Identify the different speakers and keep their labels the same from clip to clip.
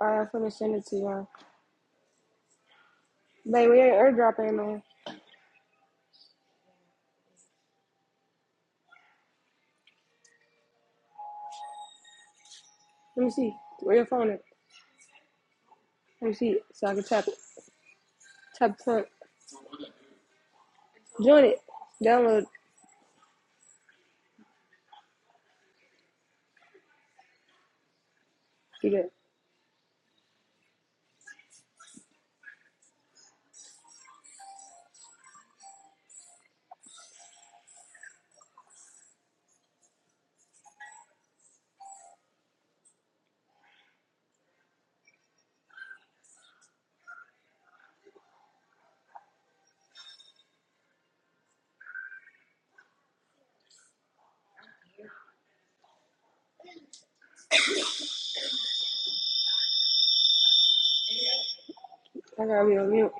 Speaker 1: Alright, I'm finna send it to y'all. Babe, we ain't airdropping, man. Let me see. Where your phone at? Let me see it so I can tap it. Tap the front. Join it. Download. Do that. I gotta be on mute.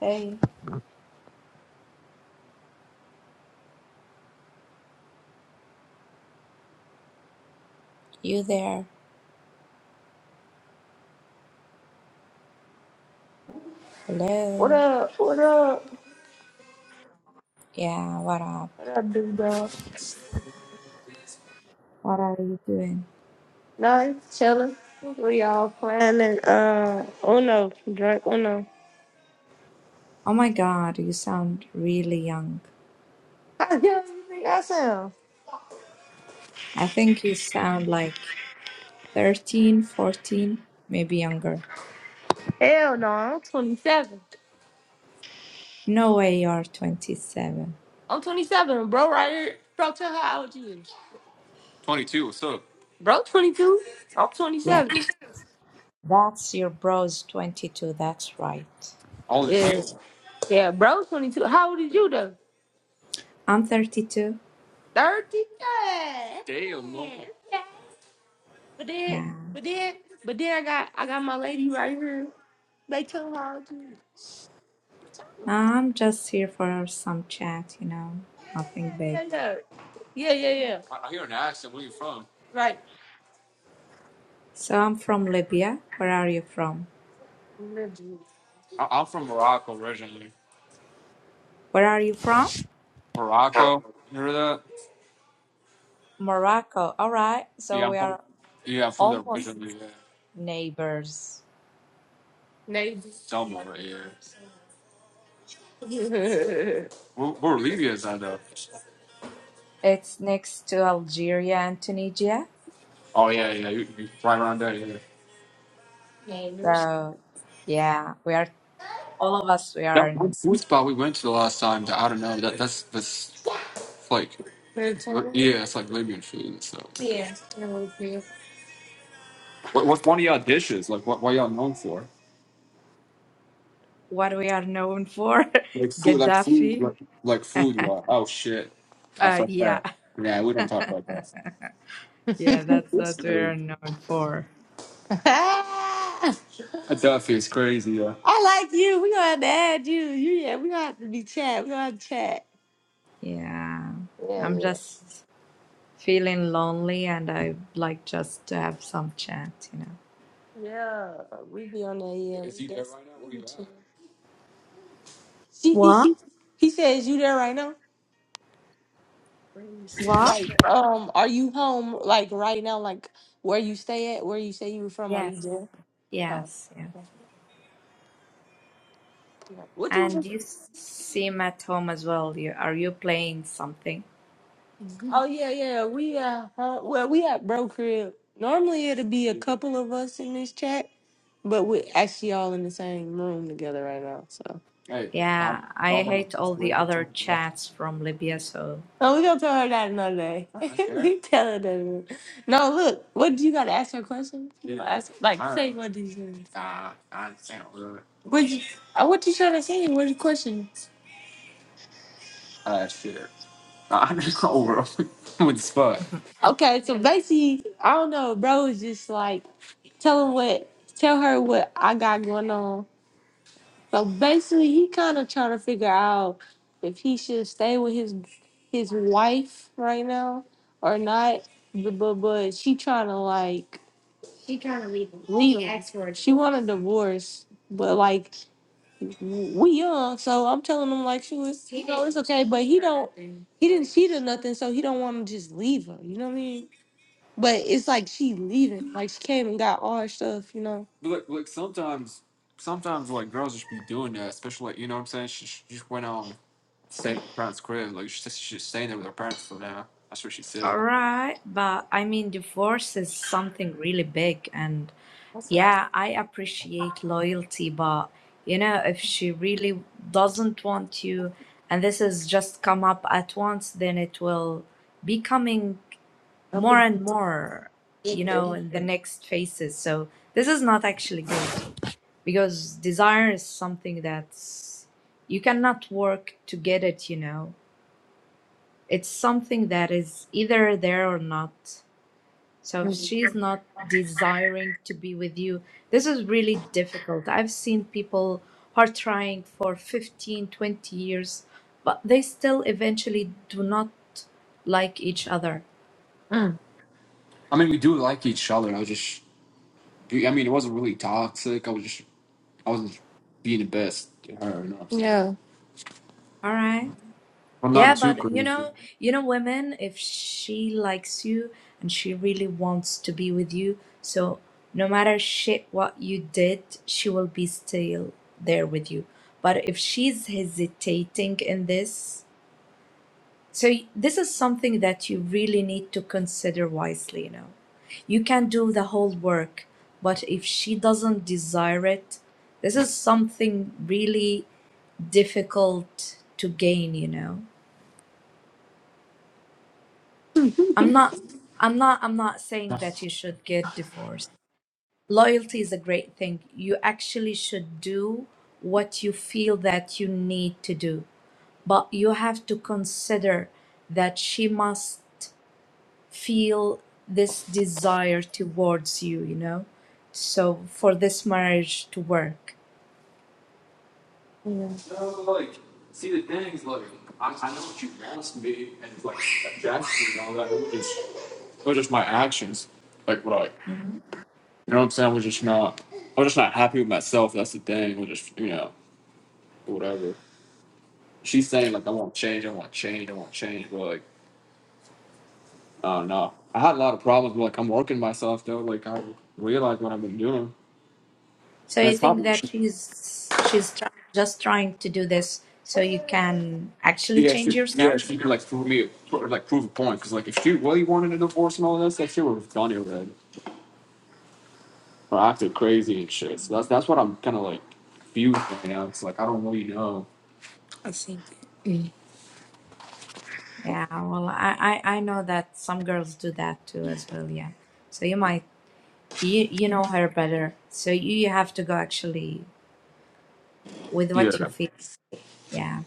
Speaker 2: Hey, you there?
Speaker 1: What
Speaker 2: Hello?
Speaker 1: up? What up?
Speaker 2: Yeah, what up?
Speaker 1: What up, dude? dog?
Speaker 2: What are you doing?
Speaker 1: Nice, chillin'. We all playing it. Uh, Uno, drink Uno.
Speaker 2: Oh my god, you sound really young.
Speaker 1: How young do you think I sound?
Speaker 2: I think you sound like 13, 14, maybe younger.
Speaker 1: Hell no, I'm 27.
Speaker 2: No way you're 27.
Speaker 1: I'm 27, bro. Right here, bro. Tell her how old you is. 22, what's up? Bro, 22. I'm
Speaker 2: Yeah,
Speaker 1: 27.
Speaker 2: that's your bro's 22, that's right.
Speaker 1: All than Yeah, you. Yeah, bro, 22. How old is you though?
Speaker 2: I'm 32.
Speaker 1: 30? Yeah. Damn, no. Yeah. But then,
Speaker 2: Yeah,
Speaker 1: but then, but then I got, I got my lady right here. They tell her how old you.
Speaker 2: I'm just here for some chat, you know, nothing big.
Speaker 1: Yeah, yeah, yeah, yeah, yeah. yeah. I, I hear an accent. Where you from? Right.
Speaker 2: So I'm from Libya. Where are you from?
Speaker 1: I, I'm from Morocco originally.
Speaker 2: Where are you from?
Speaker 1: Morocco. You hear that?
Speaker 2: Morocco. All right,
Speaker 1: Yeah,
Speaker 2: so
Speaker 1: I'm
Speaker 2: we
Speaker 1: from.
Speaker 2: are
Speaker 1: Yeah, I'm from there
Speaker 2: almost
Speaker 1: originally. Yeah.
Speaker 2: neighbors.
Speaker 1: Navy. Somewhere, right here. where, where Libya is that though?
Speaker 2: It's next to Algeria and Tunisia.
Speaker 1: Oh yeah, yeah. You, you right around there, yeah.
Speaker 2: So, yeah, we are all of us. We are
Speaker 1: That one
Speaker 2: in
Speaker 1: food spot we went to the last time, that I don't know, that that's that's like yeah, it's like Libyan food. So what, what's one of y'all dishes? Like what, what y'all known for?
Speaker 2: what we are known for,
Speaker 1: Like food, like food,
Speaker 2: Gaddafi.
Speaker 1: like, like food. You are. Oh shit, I
Speaker 2: Uh,
Speaker 1: fuck
Speaker 2: yeah,
Speaker 1: that. Yeah, we don't talk about that.
Speaker 2: yeah, that's
Speaker 1: It's
Speaker 2: what we
Speaker 1: crazy.
Speaker 2: are known for.
Speaker 1: Ah, That stuff is crazy. Yeah. I like you. We gonna have to add you. You yeah, we gonna have to be chat. We gonna have to chat.
Speaker 2: Yeah,
Speaker 1: Yeah,
Speaker 2: I'm
Speaker 1: yeah.
Speaker 2: just feeling lonely, and I like just to have some chat, you know.
Speaker 1: Yeah, we be on that. Yeah, Is he there right now? Where you at? She, He,
Speaker 2: What?
Speaker 1: he, he says, "You there right now?
Speaker 2: What?
Speaker 1: Like, um, are you home? Like right now? Like where you stay at? Where you say you were from? Are you
Speaker 2: Yes.
Speaker 1: there? Oh,
Speaker 2: Yes. Yes.
Speaker 1: what you?
Speaker 2: And you seem at home as well. You are you playing something?
Speaker 1: Oh yeah, yeah. We uh, huh, well, we at bro crib. Normally it'll be a couple of us in this chat, but we're actually all in the same room together right now. So. hey, I'm
Speaker 2: Yeah, I
Speaker 1: No,
Speaker 2: hate all the other chats from Libya, so
Speaker 1: we gonna tell her that another day. we tell her that. another- No, look. What do you gotta ask her a question? You gonna Ask, like, say what did you? Nah, I understand. What you? uh, What you trying to say? What the question? I just over With the spot. Okay, so basically, I don't know, bro is just like tell him what tell her what I got going on. So basically he kinda trying to figure out if he should stay with his his wife right now or not. But but, but she trying to like She trying to leave him. Leave him. She asked for a She want a divorce. But like we young, so I'm telling him like she was, you know, it's okay. But he don't, he didn't cheat or nothing, so he don't want to just leave her. You know what I mean? But it's like she leaving, like she came and got all her stuff. You know? But like, like sometimes, sometimes like girls just be doing that, especially like you know what I'm saying. She, she just went on staying at her parents' crib, like she's just, she's staying there with her parents for now. That's what she said.
Speaker 2: all right, but I mean divorce is something really big and
Speaker 1: That's what I
Speaker 2: yeah, I appreciate loyalty, but you know, if she really doesn't want you and this has just come up at once, then it will be coming more
Speaker 1: said.
Speaker 2: and more, you know, in the next phases. So this is not actually good. because desire is something that's you cannot work to get it you know it's something that is either there or not so if she's not desiring to be with you this is really difficult i've seen people who are trying for 15, 20 years but they still eventually do not like each other
Speaker 1: Mm. I mean, we do like each other. I was just, I mean, it wasn't really toxic. I was just I wasn't being the best to her or not. Yeah.
Speaker 2: all right
Speaker 1: Well,
Speaker 2: Yeah,
Speaker 1: not too
Speaker 2: but you
Speaker 1: crazy.
Speaker 2: know, you know, women, if she likes you and she really wants to be with you, so no matter shit what you did, she will be still there with you. But if she's hesitating in this, so y- this is something that you really need to consider wisely, you know. You can do the whole work, but if she doesn't desire it, this is something really difficult to gain, you know. I'm not I'm not I'm not saying that you should get divorced. Loyalty is a great thing. You actually should do what you feel that you need to do. But you have to consider that she must feel this desire towards you, you know? So for this marriage to work.
Speaker 1: Yeah. No, like, see, the thing is, like, I, I know what you asked me, and it's like, that's and all that. It was just, it was just my actions. Like, what I, you
Speaker 2: Mhm.
Speaker 1: know what I'm saying? I was just not, I was just not happy with myself. That's the thing. I was just, you know, whatever. She's saying, like, I want to change, I want to change, I want to change, but, like, I don't know. I had a lot of problems, but, like, I'm working myself, though. Like, I realize what I've been doing.
Speaker 2: So
Speaker 1: And
Speaker 2: I
Speaker 1: it's
Speaker 2: think
Speaker 1: probably
Speaker 2: that she's she's tr- just trying to do this so you can actually
Speaker 1: Yeah,
Speaker 2: change
Speaker 1: she,
Speaker 2: yourself
Speaker 1: yeah, she can like prove me, pro- like prove a point. Because like, if she really wanted a divorce and all this, like, she would have done it already or acted crazy and shit. So that's that's what I'm kind of like confused right now. It's like I don't really know.
Speaker 2: Yeah, well, I, I I know that some girls do that too as well. Yeah, so you might you you know her better, so you, you have to go actually with what you
Speaker 1: Yeah,
Speaker 2: feel. Yeah,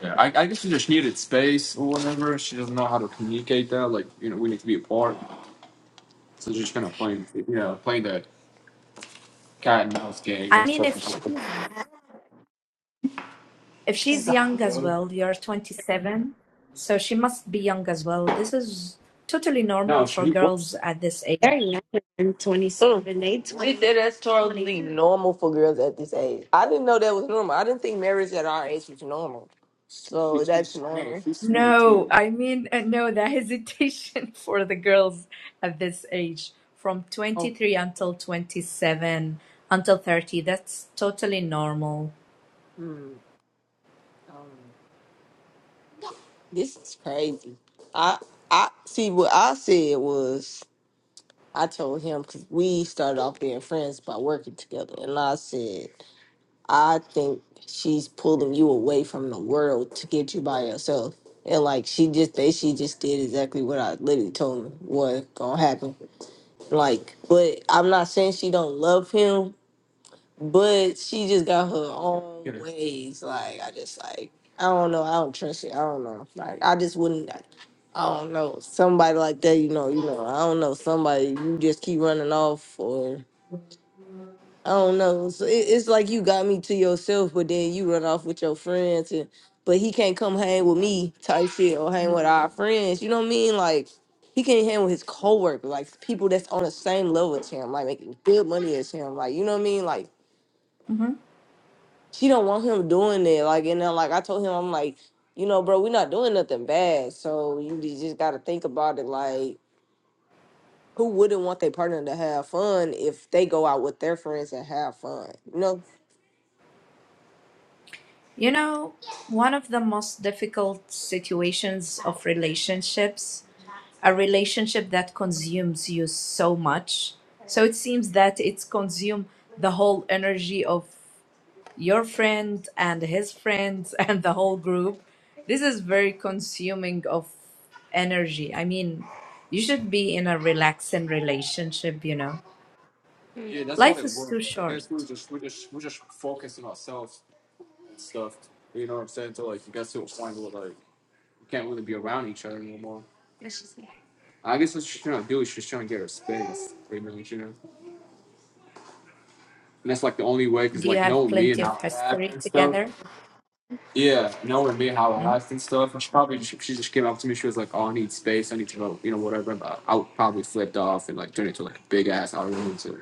Speaker 1: yeah. I, I guess she just needed space or whatever. She doesn't know how to communicate that. Like, you know, we need to be apart. So she's just kind of playing, you know, playing the cat and mouse game.
Speaker 2: I
Speaker 1: That's
Speaker 2: mean if
Speaker 1: fucking.
Speaker 2: she's if she's young as well, you're 27, so she must be young as well. This is totally normal
Speaker 1: No,
Speaker 2: for
Speaker 1: she.
Speaker 2: girls at this age.
Speaker 1: They're younger than Mm. They 20, She that's totally normal for girls at this age. I didn't know that was normal. I didn't think marriage at our age was normal. So that's normal.
Speaker 2: No, I mean, uh, no, the hesitation for the girls at this age, from
Speaker 1: Oh,
Speaker 2: 23 until 27, until 30, that's totally normal.
Speaker 1: hmm. Um, this is crazy. I I see what I said was I told him because we started off being friends by working together, and I said. I think she's pulling you away from the world to get you by yourself. And like she just they she just did exactly what I literally told him was gonna happen. Like, but I'm not saying she don't love him, but she just got her own Yeah. ways. Like I just like I don't know, I don't trust it. I don't know. Like I just wouldn't I don't know. Somebody like that, you know, you know, I don't know, somebody you just keep running off or I don't know. So it, it's like you got me to yourself, but then you run off with your friends, and but he can't come hang with me type shit or hang with our friends. You know what I mean? Like he can't hang with his coworker, like people that's on the same level as him, like making good money as him. Like you know what I mean? Like
Speaker 2: hmm
Speaker 1: she don't want him doing that. Like and then like I told him, I'm like, you know, bro, we're not doing nothing bad, so you just just gotta think about it, like. Who wouldn't want their partner to have fun if they go out with their friends and have fun? You know?
Speaker 2: You know, one of the most difficult situations of relationships, a relationship that consumes you so much. So it seems that it's consumed the whole energy of your friend and his friends and the whole group this is very consuming of energy i mean you should be in a relaxing relationship you know
Speaker 1: Yeah, that's what
Speaker 2: life
Speaker 1: it
Speaker 2: is
Speaker 1: was.
Speaker 2: too
Speaker 1: I guess we
Speaker 2: short
Speaker 1: were just we just we just focusing ourselves and stuff. You know what I'm saying? To like you got to a point where like you can't really be around each other anymore. That's just yeah. I guess what she's trying to do is she's trying to get her space, pretty much, you know. And that's like the only way, cause
Speaker 2: do you
Speaker 1: like
Speaker 2: have
Speaker 1: knowing me and
Speaker 2: plenty of
Speaker 1: how I act
Speaker 2: history
Speaker 1: and stuff.
Speaker 2: together
Speaker 1: Yeah, knowing me how I act and stuff. And she probably she, she just came up to me. She was like, "Oh, I need space. I need to go, you know, whatever." But I would probably flipped off and like turn into like a big ass argument and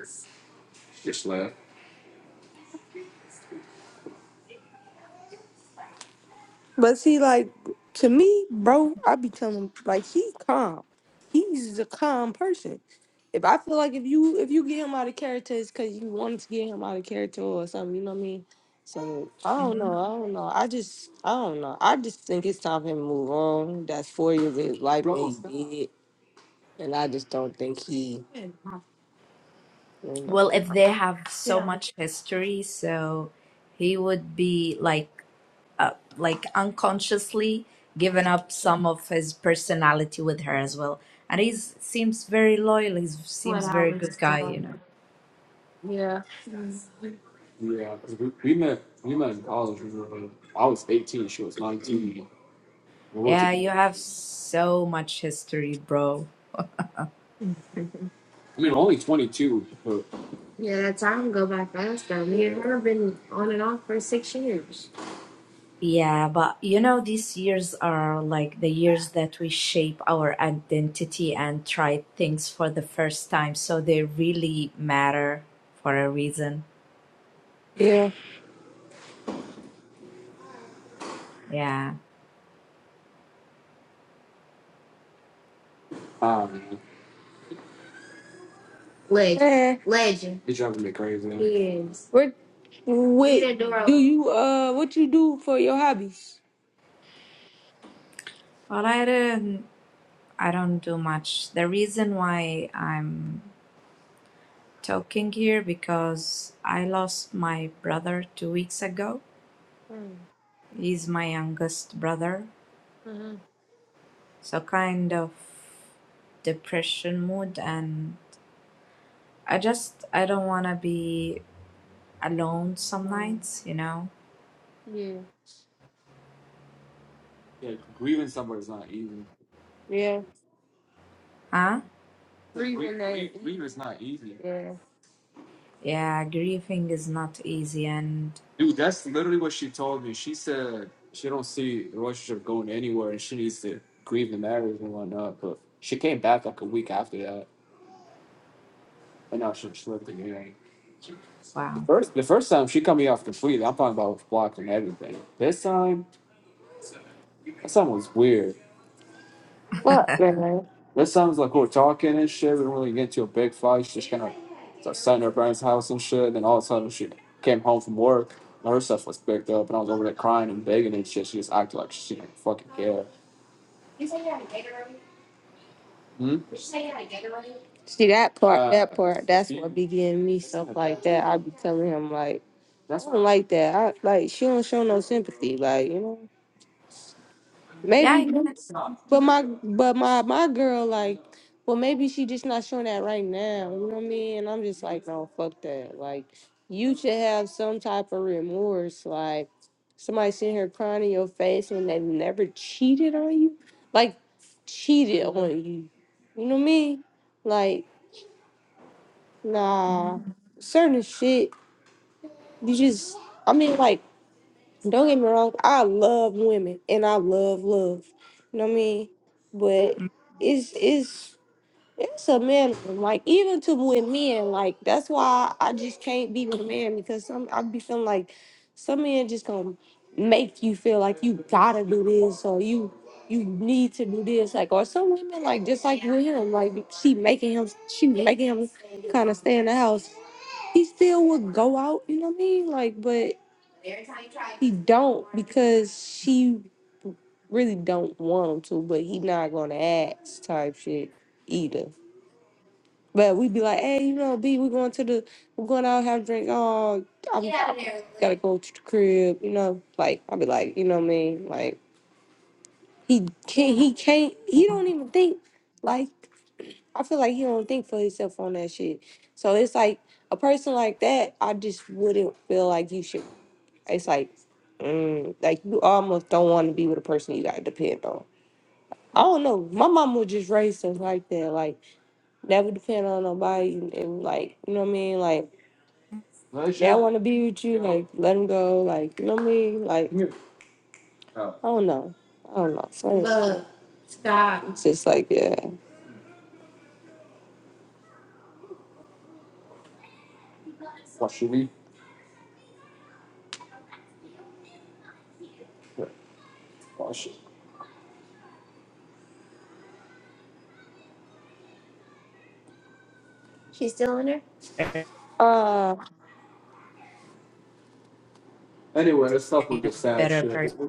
Speaker 1: just left. But see, like to me, bro, I be telling him like he calm. He's a calm person. If I feel like if you if you get him out of character, it's because you wanted to get him out of character or something. You know what I mean? So I don't
Speaker 2: Mm-hmm.
Speaker 1: know. I don't know. I just I don't know. I just think it's time for him to move on. That's four years of his life that he did, and I just don't think he. You
Speaker 2: Well, if they have so much history, so he would be like uh, like unconsciously given up some of his personality with her as well. And he seems very loyal. He seems very good guy, you
Speaker 1: know.
Speaker 2: know.
Speaker 1: Yeah. Mhm. Yeah, 'cause we, we met we met in college. We were, uh, I was eighteen, she was nineteen. We were
Speaker 2: Yeah, you
Speaker 1: together.
Speaker 2: have so much history, bro.
Speaker 1: I mean, only twenty two, but Yeah, that time go by fast though. Me and her been on and off for six years.
Speaker 2: Yeah, but you know, these years are like the years that we shape our identity and try things for the first time. So they really matter for a reason.
Speaker 1: Yeah.
Speaker 2: Yeah.
Speaker 1: um, Legend. Eh. Legend. it driving me crazy. He is. What Leave what that door do you uh what you do for your hobbies?
Speaker 2: Well, I don't, I don't do much. The reason why I'm talking here because I lost my brother two weeks ago. He's my youngest brother, so kind of depression mood, and I just I don't wanna be alone some
Speaker 1: Um,
Speaker 2: nights, you know?
Speaker 1: Yeah. Yeah, grieving somebody's not easy. Yeah.
Speaker 2: Huh?
Speaker 1: Gr- Grieving Grie- that gr- Grieving is not easy. yeah.
Speaker 2: Yeah, grieving is not easy, and
Speaker 1: Dude, that's literally what she told me. She said she don't see the relationship going anywhere and she needs to grieve the marriage and whatnot. But she came back like a week after that and now she slipped again. The
Speaker 2: wow.
Speaker 1: first the first time she cut me off completely, I'm talking about blocking everything. This time this time was weird. Fuck, man. This time was like we were talking and shit, we didn't really get into a big fight. She just kinda started sitting at her parents' house and shit, and then all of a sudden she came home from work and her stuff was picked up and I was over there crying and begging and shit. She just acted like she didn't fucking care. You say you had a Gatorade? Hmm? Did you say you had a Gatorade? See that part, Uh, that part, that's yeah. what be getting me stuff like that. I be telling him like, I don't like that. I like she don't show no sympathy, like you know.
Speaker 2: Yeah,
Speaker 1: Maybe,
Speaker 2: I can.
Speaker 1: but my but my my girl like, well maybe she just not showing that right now. You know what I mean? And I'm just like, no, fuck that. Like, you should have some type of remorse. Like, somebody sitting here crying in your face and they've never cheated on you, like cheated on you. You know what I mean? Like, nah, certain shit. You just, I mean, like don't get me wrong, I love women and I love love. You know what I mean? But
Speaker 2: Mm-hmm.
Speaker 1: it's it's it's a man like even to with men like that's why I just can't be with a man because some I be feeling like some men just gonna make you feel like you gotta do this or you you need to do this like or some women like just like with him like she making him she making him kind of stay in the house he still would go out, you know what I mean? Like, but he don't because she really don't want him to, but he not gonna ask type shit either. But we would be like, hey, you know, B, we are going to the, we're going out have a drink. Oh, I'm, gotta go to the crib, you know. Like I would be like, you know what I mean? Like he can't, he can't, he don't even think. like. I feel like he don't think for himself on that shit. So it's like a person like that, I just wouldn't feel like you should. It's like, mm, like you almost don't want to be with a person you gotta depend on. I don't know. My mom was just raised us like that, like never depend on nobody, and, and, like you know what I mean. Like they do want to be with you, like let them go, like you know what I mean. Like I don't know, I don't know. So Love, stop. It's just like yeah. Wash your knee. Wash it. Uh, Anyway, let's stop with the
Speaker 2: A
Speaker 1: sad
Speaker 2: better
Speaker 1: shit.
Speaker 2: person,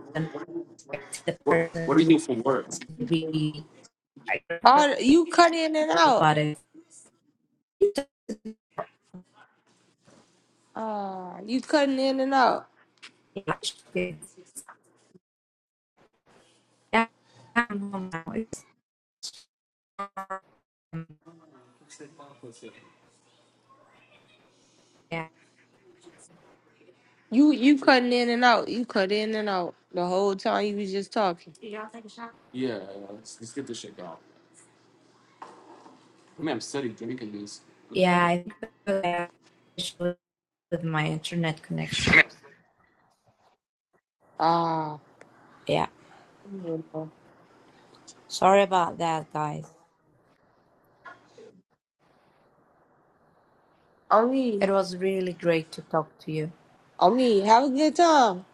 Speaker 2: expect the
Speaker 1: What, what do you
Speaker 2: person
Speaker 1: do for work?
Speaker 2: be like,
Speaker 1: all you cut in and out. Uh, you cutting in and out.
Speaker 2: Yeah, um, yeah,
Speaker 1: You you cutting in and out. You cut in and out the whole time you was just talking. Yeah, yeah, let's, let's get this shit going. I mean, I'm steady drinking this. Yeah.
Speaker 2: yeah. I think I with my internet connection.
Speaker 1: Ah.
Speaker 2: Yeah,
Speaker 1: Uh,
Speaker 2: sorry about that, guys.
Speaker 1: I
Speaker 2: It
Speaker 1: mean,
Speaker 2: was really great to talk to you.
Speaker 1: I mean, have a good time.